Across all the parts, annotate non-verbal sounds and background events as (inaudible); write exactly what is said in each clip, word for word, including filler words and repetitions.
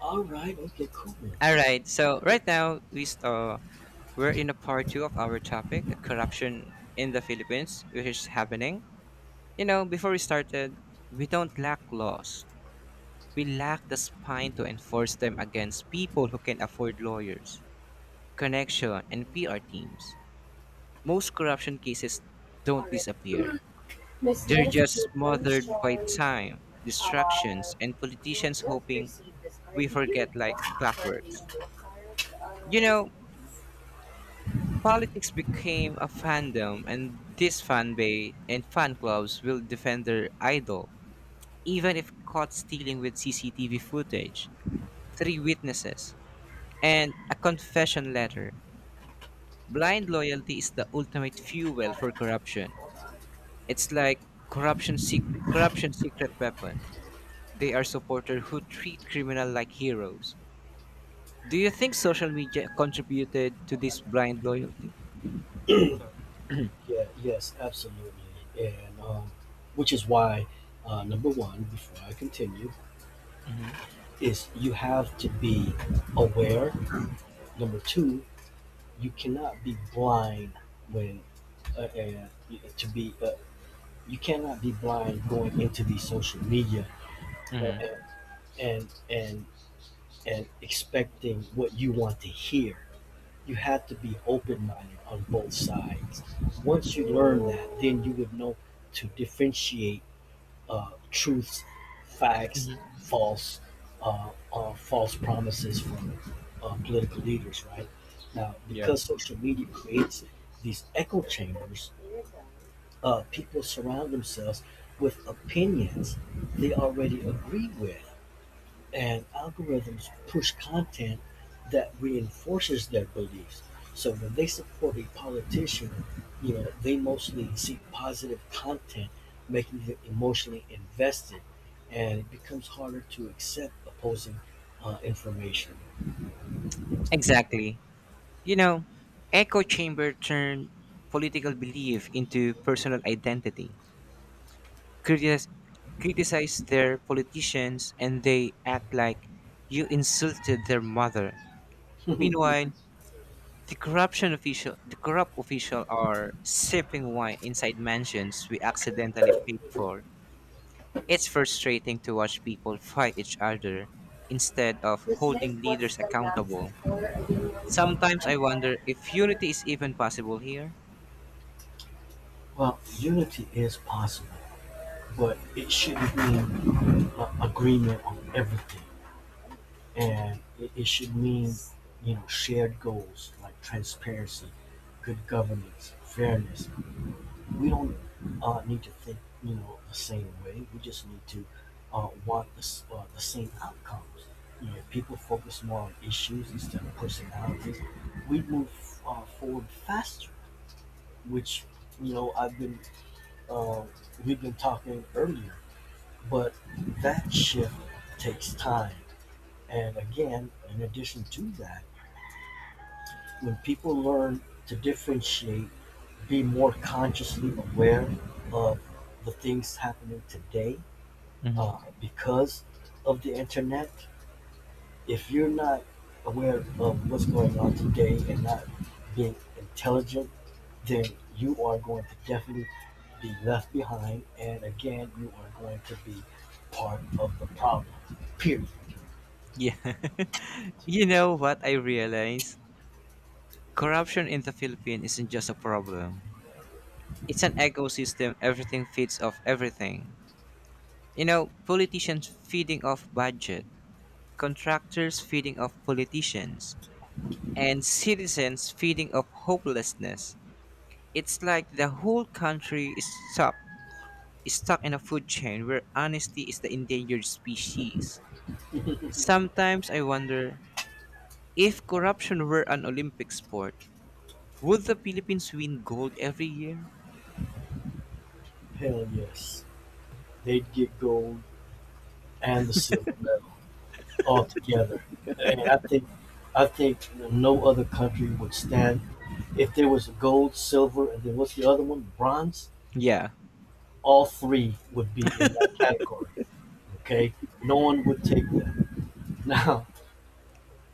All right. Okay. Cool. All right. So right now we st- uh, we're in a part two of our topic, corruption in the Philippines, which is happening. You know, before we started, we don't lack laws. We lack the spine to enforce them against people who can afford lawyers, connection, and P R teams. Most corruption cases don't Alright. disappear. Miss They're Les, just Goodman, smothered by mentioned time, uh, distractions, and you politicians just hoping received this card. we Did you forget like request for a new clockworks. card uh, You know, recently? politics became a fandom, and this fan base and fan clubs will defend their idol, even if caught stealing with C C T V footage, three witnesses, and a confession letter. Blind loyalty is the ultimate fuel for corruption. It's like corruption, sec- corruption secret weapon. They are supporters who treat criminal like heroes. Do you think social media contributed to this blind loyalty? Yeah. Yes. Absolutely. And um, which is why uh, number one, before I continue, is you have to be aware. Number two, you cannot be blind when uh, uh, to be. Uh, you cannot be blind going into the social media. Uh, Mhm. uh, and and and expecting what you want to hear. You have to be open-minded on both sides. Once you learn that, then you would know to differentiate uh, truths, facts, false, uh, uh, false promises from uh, political leaders. Right now, Yeah. because social media creates these echo chambers, uh, people surround themselves with opinions they already agree with, and algorithms push content that reinforces their beliefs. So when they support a politician, you know, they mostly seek positive content, making them emotionally invested, and it becomes harder to accept opposing uh, information. Exactly. You know, echo chamber turned political belief into personal identity. Critis- Criticize their politicians and they act like you insulted their mother. Meanwhile, the corruption official the corrupt official are sipping wine inside mansions we accidentally paid for. It's frustrating to watch people fight each other instead of This list holding what's leaders the last accountable. for a union of Sometimes I people. wonder if Number unity is even possible here. Well, unity is possible, but it shouldn't mean uh, agreement on everything. And it, it should mean, you know, shared goals like transparency, good governance, fairness. We don't uh, need to think, you know, the same way. We just need to uh, want the, s- uh, the same outcomes. You know, if people focus more on issues instead of personalities, we move uh, forward faster, which, you know, I've been uh, we've been talking earlier, but that shift takes time. And again, in addition to that, when people learn to differentiate, be more consciously aware of the things happening today, Mhm. uh, because of the internet, if you're not aware of what's going on today and not being intelligent, then you are going to definitely be left behind. And again, you are going to be part of the problem. Period. Yeah. (laughs) You know what I realized? Corruption in the Philippines isn't just a problem. It's an ecosystem everything feeds off everything. You know, politicians feeding off budget, contractors feeding off politicians, and citizens feeding off hopelessness. It's like the whole country is stuck is stuck in a food chain where honesty is the endangered species. Sometimes I wonder if corruption were an Olympic sport, would the Philippines win gold every year? Hell yes. They'd get gold and the silver medal altogether. And I think I think no other country would stand. If there was gold, silver, and then what's the other one? Bronze. Yeah. All three would be in that category. Okay, no one would take that. (laughs) Now,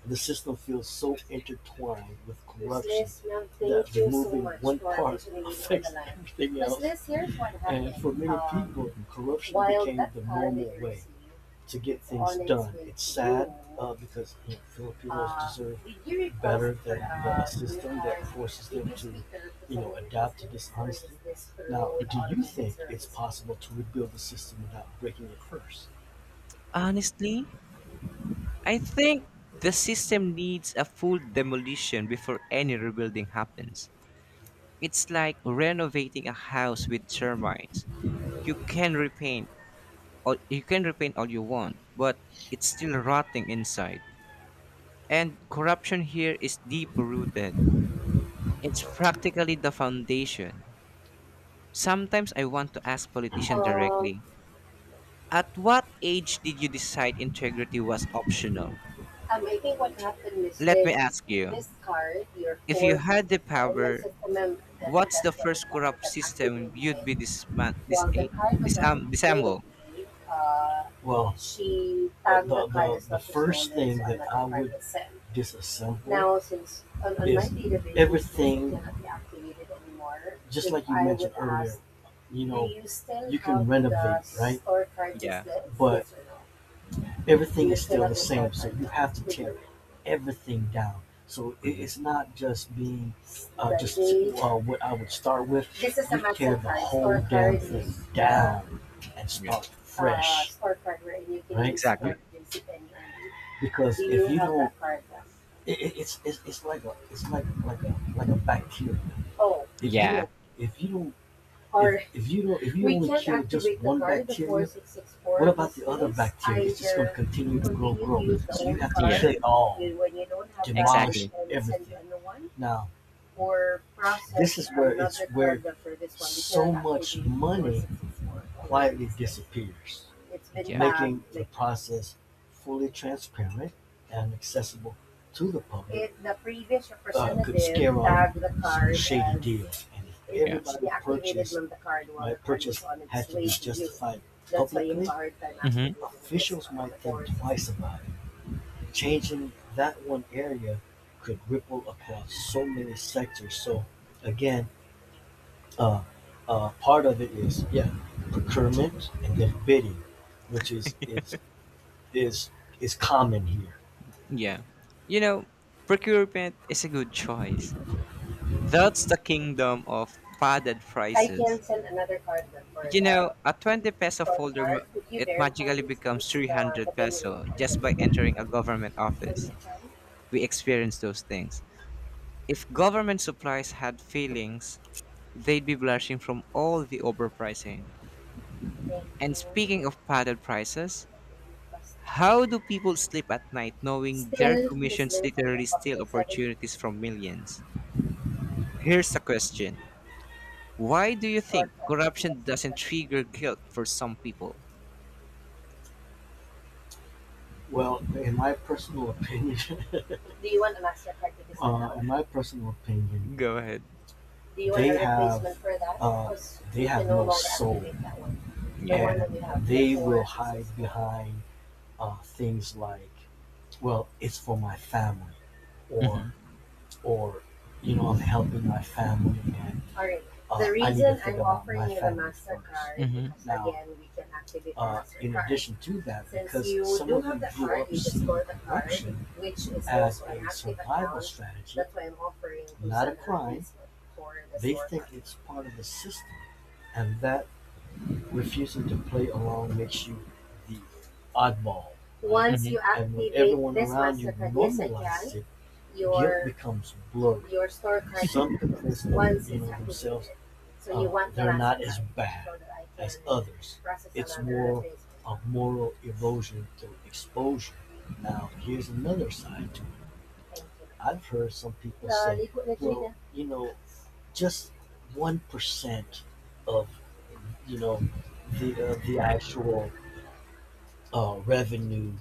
the system feels so intertwined with corruption that so removing one part affects everything else. And for many Um, people, corruption became the normal way to get things done. It's sad uh, because, you know, Filipinos uh, deserve better than a system that forces them to, you know, adapt to dishonesty. Now, do you think it's possible to rebuild the system without breaking it first? Honestly, I think the system needs a full demolition before any rebuilding happens. It's like renovating a house with termites. You can repaint all you can repaint all you want, but it's still rotting inside. And corruption here is deep rooted. It's practically the foundation. Sometimes I want to ask politicians Um, directly, at what age did you decide integrity was optional? Um, I think what happened is Let me this, ask you, this card, your if four you sixes had the four, and my power, system member, that's, what's the that's what is first the card corrupt that system activated you'd it. be disman- dis- While the card was on disam- its way to disassemble? be, uh, well, she tagged The- the card as the not first thing so that I would disassemble. Now, since on, on my database, everything cannot be activated anymore. Just if like you I mentioned earlier, ask, you know, you you can renovate, right? Store card is Yeah, this, but yes or no? Everything is still the same. So you have to tear everything down. So it's not just being uh, just uh, what I would start with. This is a you tear massive the card, whole damn thing down and yeah, start Uh, fresh. Scorecard you right? exactly. Because if you don't, it- it's, it's it's like a it's like like a like a bacteria. Oh, If you Yeah, don't if you don't or If, if you don't, if you only kill just one bacteria, what about the other bacteria? It's just going to continue to grow, grow. So you have to yeah, kill it all. Demolish exactly. everything. Now, this is where it's where so much money quietly disappears, Yeah, making the like, process fully transparent and accessible to the public. If the previous uh, representative uh, could scare tagged off the card as shady deal. And if yeah. everybody purchased, the card my purchase had to be justified publicly. Mm-hmm. Officials might think twice about it. Changing that one area could ripple across so many sectors. So, again, uh, uh, part of it is, yeah, procurement and then bidding, which is is is is common here. Yeah. You know, procurement is a good choice. That's the kingdom of padded I can prices. send another card for You know, the, a 20 peso for folder, ma- cars, could you it verify magically this becomes is the the three hundred billing peso or just by delivery entering a government on the office. time? We experience those things. If government supplies had feelings, they'd be blushing from all the overpricing. Thank you. And speaking of padded prices, Customer I D. how do people sleep at night knowing their Still, Miss commissions Liz, I literally steal apologize. opportunities from millions? Here's a question. Why do you think Shortcut. Yes, corruption doesn't ma'am. trigger guilt for some people? Well, in my personal opinion, (laughs) do you want a Mastercard to this uh, account? In account? My personal opinion, Go ahead. do you want they a have replacement for that? uh, Because they we have can no no longer soul, activate that one. The one that Yeah. and that we have, they will hide behind uh, things like, well, it's for my family, or or you know, I'm helping my family, and alright, uh, the reason I'm offering you the MasterCard Mhm. because now, again, we can activate the Uh, MasterCard. In addition to that, since because you some do of have the card, you just go to the card, which is as also an a survival account strategy. That's why I'm offering. Not a crime. They think it's part of the system, and that refusing to play along makes you the oddball. Right? Once Mhm. you and when activate everyone this around you master card, yes, I can. Your becomes blurry. Your store card, some complaints don't once know themselves. So you uh, want the they're not as bad so that I can as others process It's another more phase. A moral erosion through exposure. Now, here's another side to it. I've heard some people say, well, you know, just one percent of, you know, the uh, the actual uh, revenue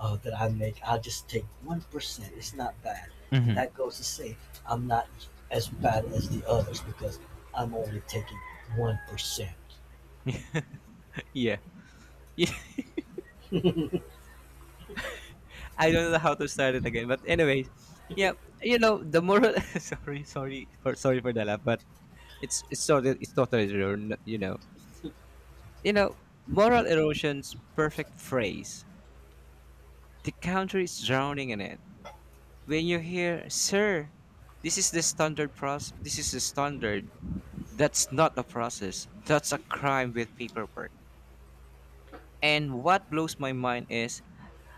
uh, that I make, I just take one percent. It's not bad, and Mhm. that goes to say I'm not as bad as the others because I'm only taking one percent. Yeah. Yeah. (laughs) I don't know how to start it again. But anyways, yeah, you know, the moral (laughs) sorry, sorry for sorry for the laugh, but it's it's totally it's totally true, n- you know. You know, moral erosion's perfect phrase. The country is drowning in it. When you hear, sir, this is the standard process this is the standard. That's not a process. That's a crime with paperwork. And what blows my mind is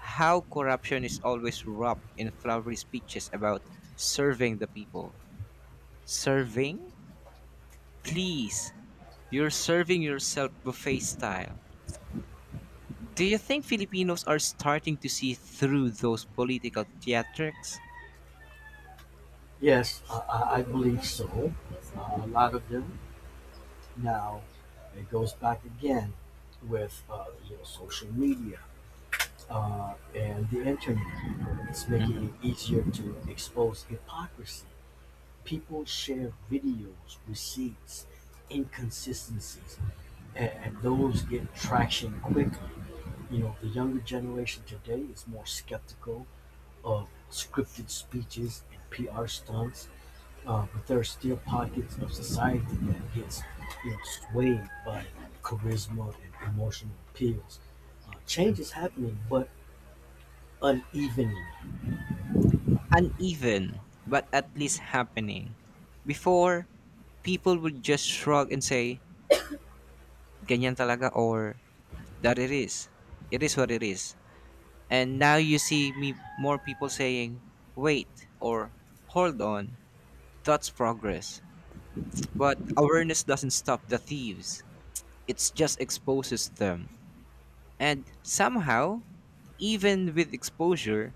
how corruption is always wrapped in flowery speeches about serving the people. Serving? Please, you're serving yourself buffet style. Do you think Filipinos are starting to see through those political theatrics? Yes, I, I I believe so. Uh, a lot of them now. It goes back again with uh, you know, social media uh, and the internet. It's making Mhm. it easier to expose hypocrisy. People share videos, receipts, inconsistencies, and, and those get traction quickly. You know, the younger generation today is more skeptical of scripted speeches and P R stunts, uh, but there are still pockets of society that gets, you know, swayed by charisma and emotional appeals. Uh, change is happening, but unevenly. Uneven, but at least happening. Before, people would just shrug and say, ganyan talaga or that it is. It is what it is. And now you see me more people saying, wait or hold on. That's progress. But awareness doesn't stop the thieves, it just exposes them. And somehow, even with exposure,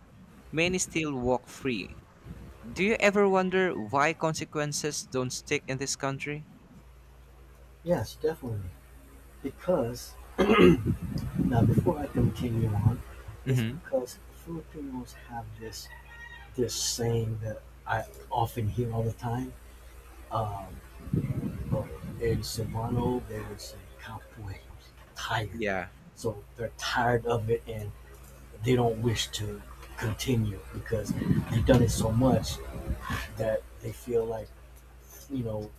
many still walk free. Do you ever wonder why consequences don't stick in this country? Yes, definitely, because now before I continue on, it's Mm-hmm. because Filipinos have this this saying that I often hear all the time. Um, well, in Cebuano, they would say "capoy," tired. Yeah. So they're tired of it and they don't wish to continue because they've done it so much that they feel like, you know,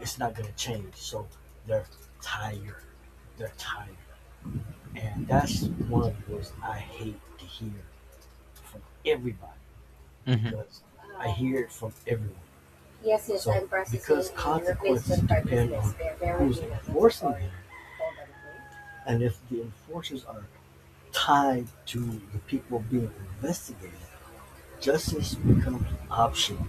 it's not going to change. So they're tired. They're tired, and that's one of the words I hate to hear from everybody Mm-hmm. because oh. I hear it from everyone. Yes, yes, so, I'm processing. Because the consequences replacement depend purchases on, they're very, who's on this enforcing them? And if the enforcers are tied to the people being investigated, justice becomes optional.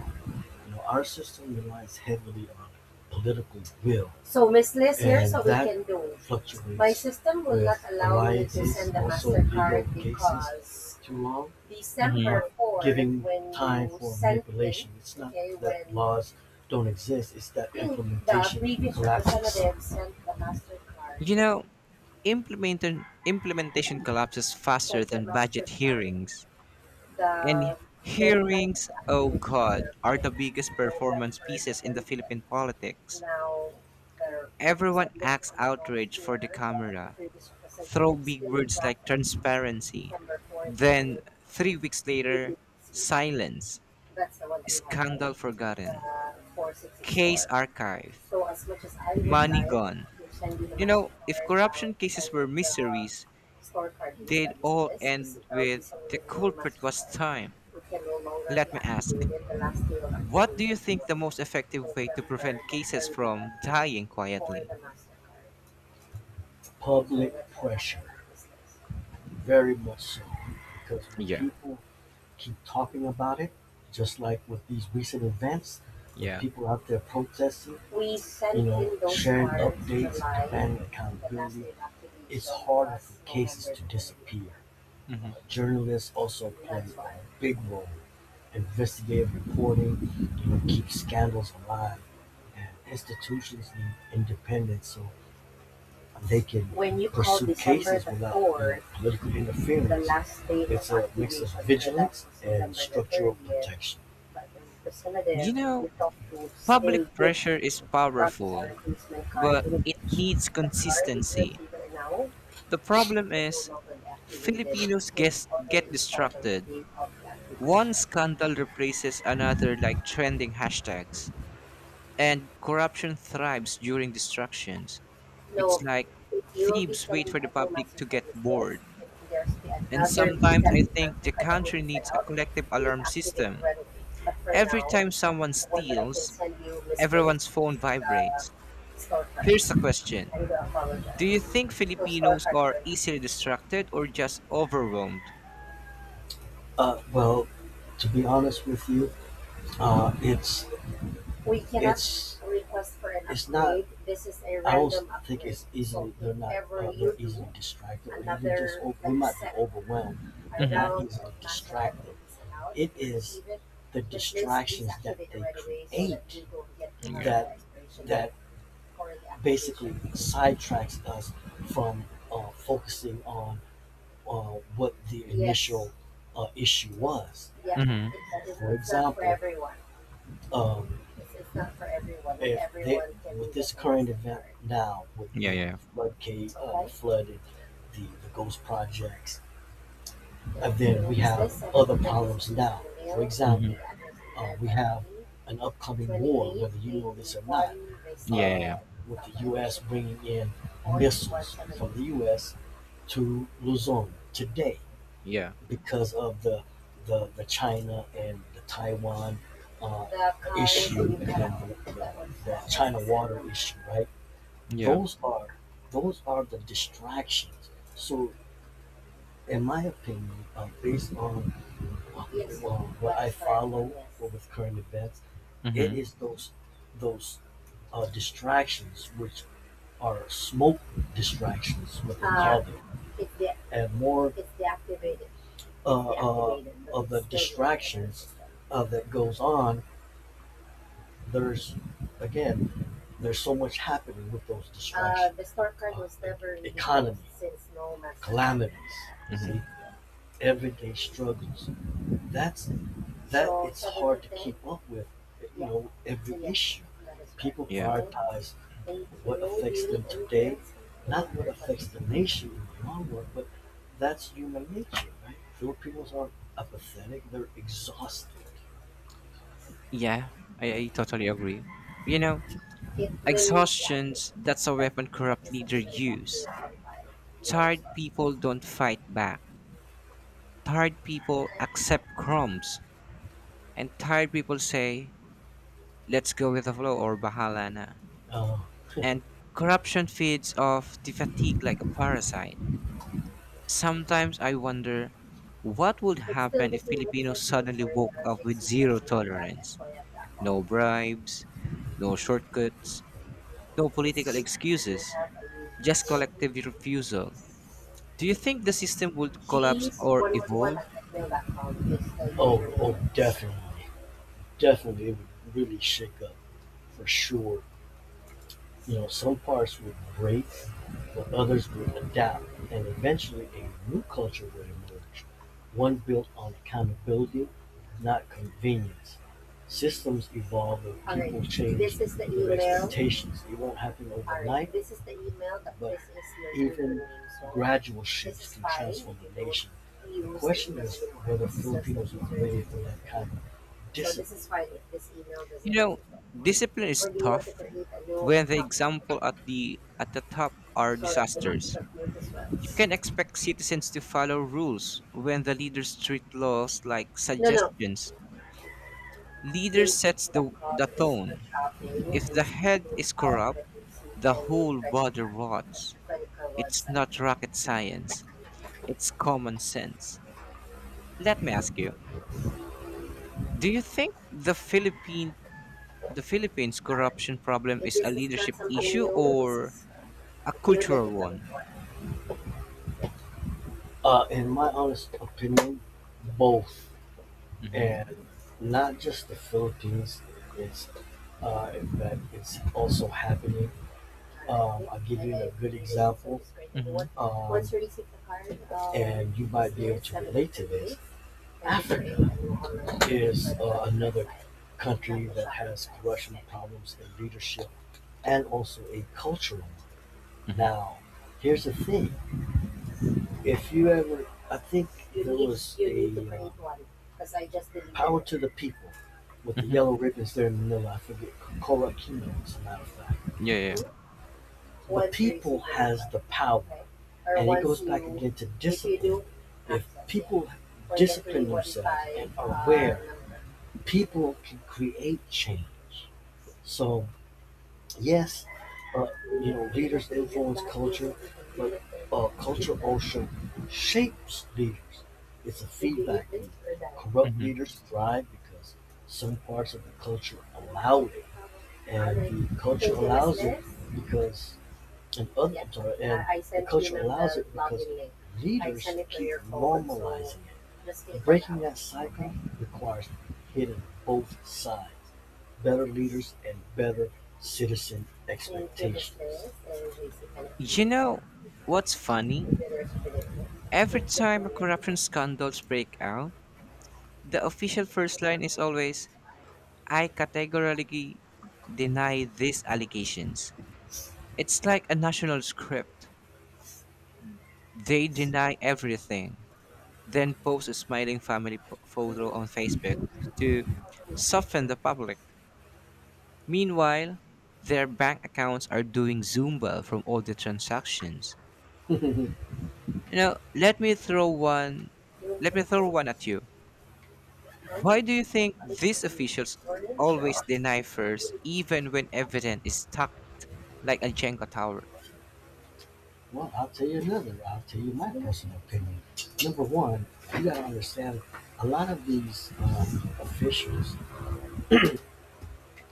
You know, our system relies heavily on political will. So Miss Liz, here's and what we can do. Fluctuates. My system will not allow me to send the MasterCard because too long, Mm-hmm. December fourth, giving when time for sent it, manipulation. It's not okay, that laws don't exist, it's that the implementation previous collapses. The previous representative sent the MasterCard, You know, implementation implementation collapses faster sent the than budget MasterCard. hearings. And The deadline of hearings, the oh activation God, are the is biggest performance November the pieces in the thirtieth. Philippine politics. Now, there, because Everyone I'm looking acts on the notes outraged for the here, the, the camera, previous throw representative big still did words draft like on transparency. December fourth, but Then, you three weeks you later, did see. silence, That's the one that you have, right? scandal forgotten, Uh, case four six six four. archive, So as much as I would money like gone. to send you the You know, if MasterCard, I'll corruption cases send were the mysteries, store card instead they'd of all this because it end will be with someone the with no culprit was MasterCard time. who can no longer be Let me ask, activated. The last day of what do activation you think was the most effective way to prevent November the cases from thirtieth dying for quietly? the MasterCard. So public that's pressure. Very much so, because when Yeah, people keep talking about it, just like with these recent events, with yeah, people out there protesting, we, you know, sharing updates, July, demanding accountability, it's show harder for cases to disappear. Uh, hmm. Journalists also play a big role. Investigative reporting, you know, keeps scandals alive, and institutions need independence. So they can, when you call pursue cases the without any fourth, political the interference last day of, it's a mix of vigilance and structural protection. But in facilitative, You we know, talk to still public did pressure is process our powerful, replacement card but in it which needs the card is consistency. receiver now The problem is no is longer activated. Filipinos It get, already get expired on the distracted. date of the One activation. scandal replaces another like trending hashtags, and corruption thrives during distractions. It's No, like it will be thieves sent a wait for the new public master to get request. bored. If there's be And another sometimes I exact think the master that will country be sent needs a out, collective please alarm activate system. right away. But for Every now, time someone the one that I can steals, send you misnamed, is everyone's phone the vibrates. store card. Here's a I question. do Do you apologize. think So store Filipinos card for are now. easily distracted or just overwhelmed? Uh, well, to be honest with you, uh, it's we cannot It's request for an it's not- upgrade. Not, This is a I also random upgrade. I think it's easily so they're not uh, they're easily distracted. Or even just Another, we might be like, overwhelmed, but Mm-hmm. not easily distracted. It is the distractions that they create Yeah. that- that basically sidetracks us from uh, focusing on uh, what the Yes. initial yes. uh, issue was. Yeah, Mm-hmm. that is for not for example, everyone um, It's, it's not for everyone. Not if they, everyone can with do this the current things event it now, with Yeah, you know yeah. floodgate, uh, Okay. flooded, the the ghost projects, Yeah. and then so we have other problems now. For Mm-hmm. example, uh, we have an upcoming war, whether you know this or not, Yeah, yeah, yeah. uh, with the U S bringing in missiles from the U S to Luzon today Yeah. because of the the, the China and the Taiwan uh, issue, and then the, the, the China water issue, right? Yeah. Those are those are the distractions. So, in my opinion, uh, based on uh, Yes. well, what I follow Yes. with current events, it Mm-hmm. is those those uh, distractions which are smoke distractions, what they Uh, Yeah. call them. It's the, and more it's deactivated. uh, uh, of the distractions uh, that goes on there's again, there's so much happening with those Uh, distractions, Uh, the store card was never Economy. Since no master. Calamities, like Mm-hmm. see, everyday struggles. That's that. So, it's so hard to keep up with. You Yeah. know, every so, Yeah. issue. People so Yeah. prioritize what affects really them today, not what affects the nation in the long run, but that's human nature, right? Filipinos are apathetic. They're exhausted. Yeah. I, I totally agree. You know, It will be activated. exhaustions, that's a That, weapon that corrupt is leader something that is use. activated by your Tired store. people don't fight back. Tired people Okay? accept crumbs and tired people say let's go with the flow or bahala na Oh, and corruption feeds off the fatigue like a parasite. Sometimes I wonder what would it's still happen the if same website Filipinos now suddenly for woke the up with zero tolerance, j x c family dot s y f dot com. no bribes, no shortcuts, no You political see, you excuses, do have a just username. collective refusal. Do you think the system would collapse G's or one one one evolve? at gmail dot com is the oh, oh, definitely, definitely, it would really shake up for sure. You know, some parts would break, but others would adapt, and eventually a new culture would emerge, one built on accountability, not convenience. Systems evolve and All right. people change. This is the their email expectations. It won't happen All overnight. right. This is the email that but this is your even username. So gradual shifts can transform the nation. The question it is whether Filipinos are ready for that kind of Dis- So Yes. this is fine if this email You doesn't know, exist anymore. discipline Or is do you want to tough create a new when the account up example at the at the top are so that you're not disasters. confused as You can well? expect citizens to follow rules when the leaders treat laws like No, no. suggestions. Leader sets the, J C P dot com the is her tone. shop name If and the is head speaking is about corrupt, the J C the Family whole credit body card, at rots. the credit card It's website. not rocket science, it's common sense. Let me ask you, do you think the Philippine the Philippines Alright. corruption problem If is a this is not leadership something issue new, this or is uh, a you would like to cultural come one? for. Uh, in my honest opinion, both. Mhm. And not just the Philippines, it's uh, that it's also happening. Um, I'll give you a good example, Mhm. um, and you might be able to relate to this. Africa is uh, another country that has corruption problems in leadership and also a cultural one. Mhm. Now, here's the thing: if you ever, I think you there need, was you a need to a bring uh, one, because I just didn't. Power to the People with the Mhm. yellow ribbons there in Manila. I forget. Coca-Cola Kino, as a matter of fact. Yeah, Mm-hmm. yeah. The people has the power. Or and it once goes you, back again to if discipline. If, do if people, or discipline themselves and uh, aware. Number. People can create change. So yes, uh, you know, leaders influence culture, but uh, culture also shapes leaders. It's a feedback loop. Yeah. Corrupt Mhm. leaders thrive because some parts of the culture allow it, and the culture allows it because and others are, and the culture allows it because leaders keep so- normalizing it. Breaking that cycle requires hitting both sides. Better leaders and better citizen expectations. You know what's funny? Every time a corruption scandals break out, the official first line is always, I categorically deny these allegations. It's like a national script. They deny everything, then post a smiling family p- photo on Facebook to soften the public. Meanwhile, their bank accounts are doing Zumba from all the transactions. You know, let me throw one let me throw one at you. Huh? Why do you think these officials Orange always or deny first even when evidence is stacked like a Jenga tower? well, I'll tell you another. I'll tell you my personal opinion. Number one, you got to understand a lot of these um, officials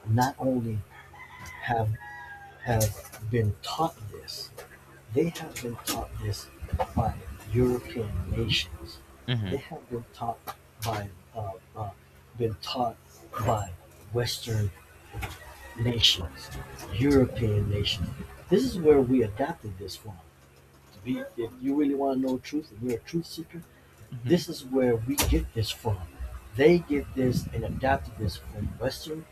not only have have been taught this, they have been taught this by European nations. They Mm-hmm. have been taught by uh, uh, been taught by Western nations, European nations. This is where we adapted this from. To be, if you really want to know truth, and you're a truth seeker, Mm-hmm. this is where we get this from. They get this and adopted this from Western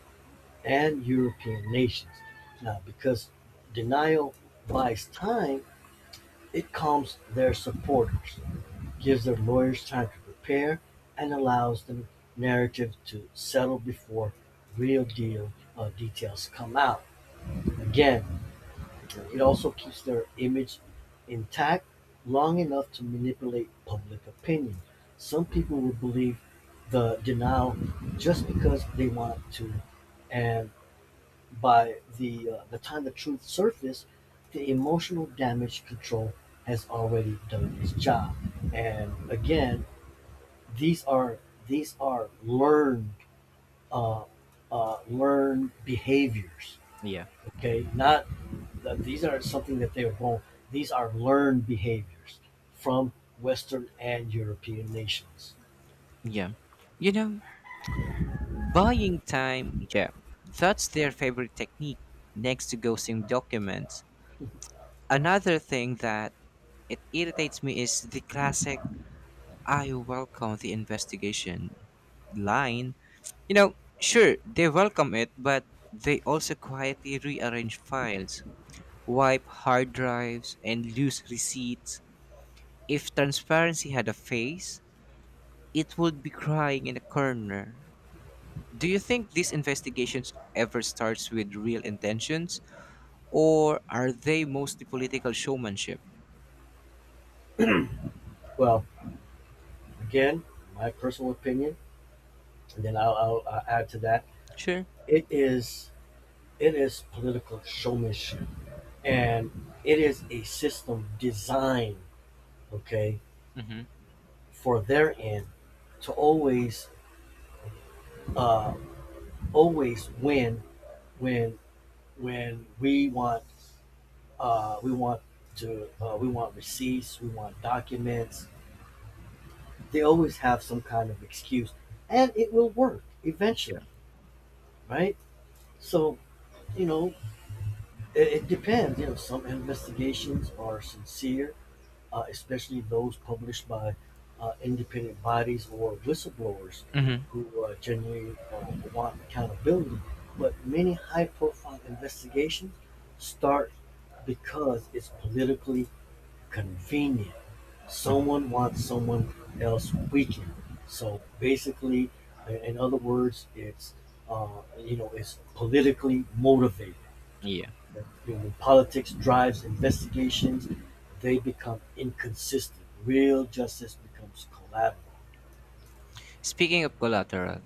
and European nations. Now, because denial buys time, it calms their supporters, gives their lawyers time to prepare, and allows the narrative to settle before real deal uh, details come out. Again, it also keeps their image intact long enough to manipulate public opinion. Some people will believe the denial just because they want to, and by the uh, the time the truth surfaces, the emotional damage control has already done its job. And again, these are these are learned uh, uh, learned behaviors. Yeah. Okay, not that these are something that they were born. These are learned behaviors from Western and European nations. Yeah. You know, buying time, yeah. That's their favorite technique next to ghosting documents. Another thing that it irritates me is the classic I welcome the investigation line. You know, sure, they welcome it, but they also quietly rearrange files, wipe hard drives, and lose receipts. If transparency had a face, it would be crying in a corner. Do you think these investigations ever starts with real intentions, or are they mostly political showmanship? Well, again, my personal opinion, and then I'll, I'll, I'll add to that. Sure. It is it is political showmanship, and it is a system designed, okay, Mm-hmm. for their end to always uh, always win when when we want Uh, we want to. Uh, we want receipts. We want documents. They always have some kind of excuse, and it will work eventually, right? So you know, it, it depends. You know, some investigations are sincere, uh, especially those published by uh, independent bodies or whistleblowers Mm-hmm. who uh, genuinely uh, want accountability. But many high-profile investigations start because it's politically convenient. Someone wants someone else weakened. So basically, in other words, it's uh, you know it's politically motivated. Yeah. When politics drives investigations, they become inconsistent. Real justice becomes collateral. Speaking of collateral,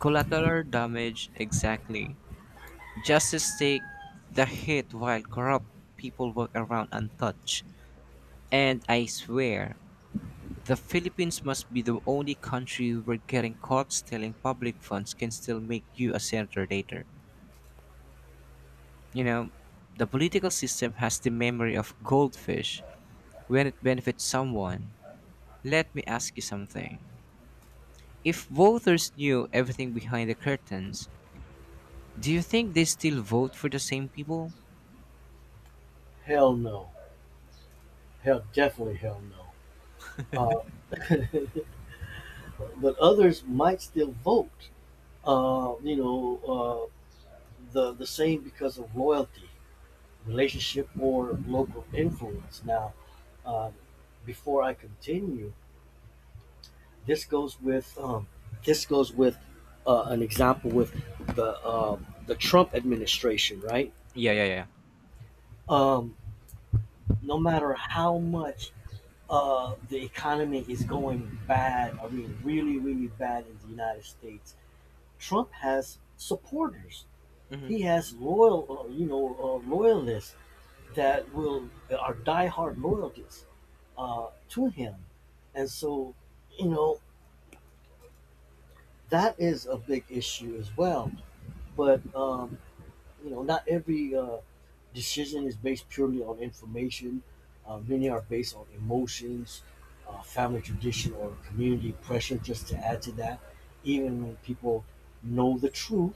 collateral damage, exactly. Justice take the hit while corrupt people walk around untouched. And I swear, the Philippines must be the only country where getting caught stealing public funds can still make you a senator later. You know, the political system has the memory of goldfish when it benefits someone. Let me ask you something. If voters knew everything behind the curtains, do you think they still vote for the same people? Hell no. Hell, definitely hell no. Uh, (laughs) but others might still vote. Uh, you know, uh, the the same because of loyalty, relationship or local influence. Now, um, before I continue, this goes with um, this goes with uh, an example with the um, the Trump administration, right? Yeah, yeah, yeah. Um, no matter how much uh, the economy is going bad, I mean, really, really bad in the United States, Trump has supporters. Mhm. He has loyal, uh, you know, uh, loyalists that will are diehard loyalists uh, to him, and so you know that is a big issue as well. But um, you know, not every uh, decision is based purely on information. Uh, many are based on emotions, uh, family tradition, or community pressure. Just to add to that, even when people know the truth,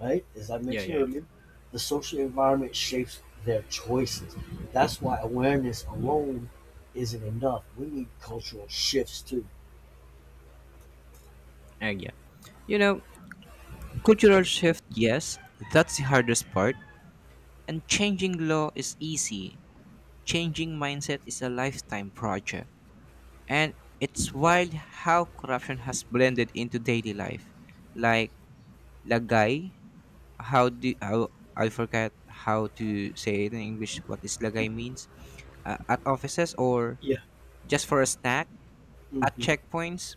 right? As I Yeah, mentioned yeah. earlier, the social environment shapes their choices. That's why awareness alone isn't enough. We need cultural shifts too. And yeah. You know, cultural shift, yes, that's the hardest part. And changing law is easy. Changing mindset is a lifetime project. And it's wild how corruption has blended into daily life. Like lagay, how do how I forget how to say it in English, what is lagay means, uh, at offices or Yeah. just for a snack at Hmm. checkpoints.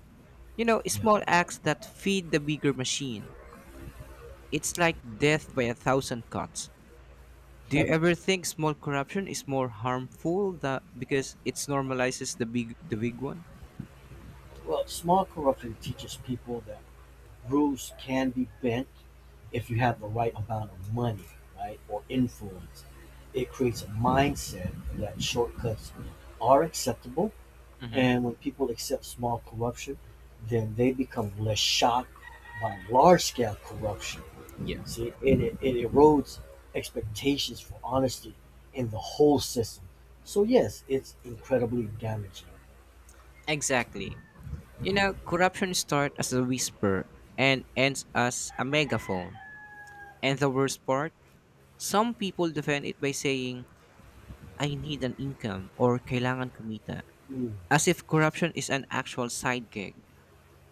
You know, Yeah. small acts that feed the bigger machine. It's like death by a thousand cuts. Do you ever think small corruption is more harmful that because it normalizes the big the big one? Well, small corruption teaches people that rules can be bent if you have the right amount of money, right, or influence. It creates a mindset that shortcuts are acceptable. Hmm. And when people accept small corruption, then they become less shocked by large scale corruption. Yeah. See, and it, it erodes expectations for honesty in the whole system. So, yes, it's incredibly damaging. Exactly. You know, corruption starts as a whisper and ends as a megaphone. And the worst part, some people defend it by saying, I need an income or kailangan kumita. Mm. As if corruption is an actual side gig.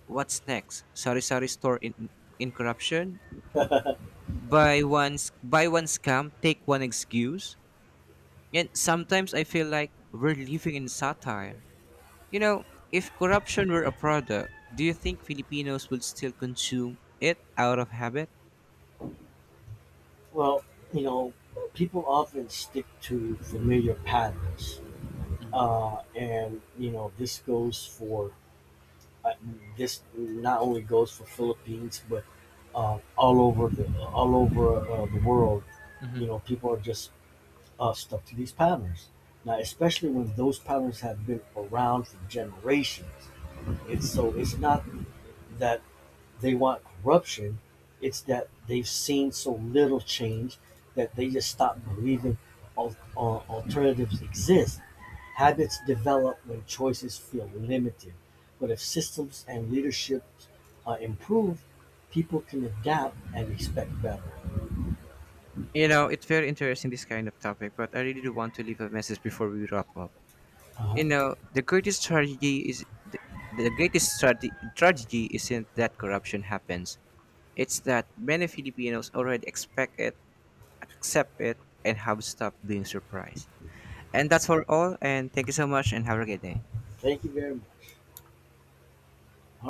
What's next? Sari-sari store in, in corruption? Buy one sc- buy one scam, take one excuse. And sometimes I feel like we're living in satire. You know, if corruption were a product, do you think Filipinos would still consume it out of habit? Well, you know, people often stick to familiar patterns. Uh, and, you know, this goes for uh, this not only goes for Philippines, but uh, all over the all over uh, the world. Hmm. You know, people are just uh, stuck to these patterns now, especially when those patterns have been around for generations. It's so it's not that they want corruption, it's that they've seen so little change that they just stop believing al- al- alternatives exist. Habits develop when choices feel limited, but if systems and leadership are improved, people can adapt and expect better. You know, it's very interesting this kind of topic, but I really do want to leave a message before we wrap up. Uh-huh. You know, the greatest tragedy is the, the greatest trage- tragedy isn't that corruption happens. It's that many Filipinos already expect it, accept it and have stopped being surprised. And that's for all. And thank you so much and have a great day. Thank you very much. All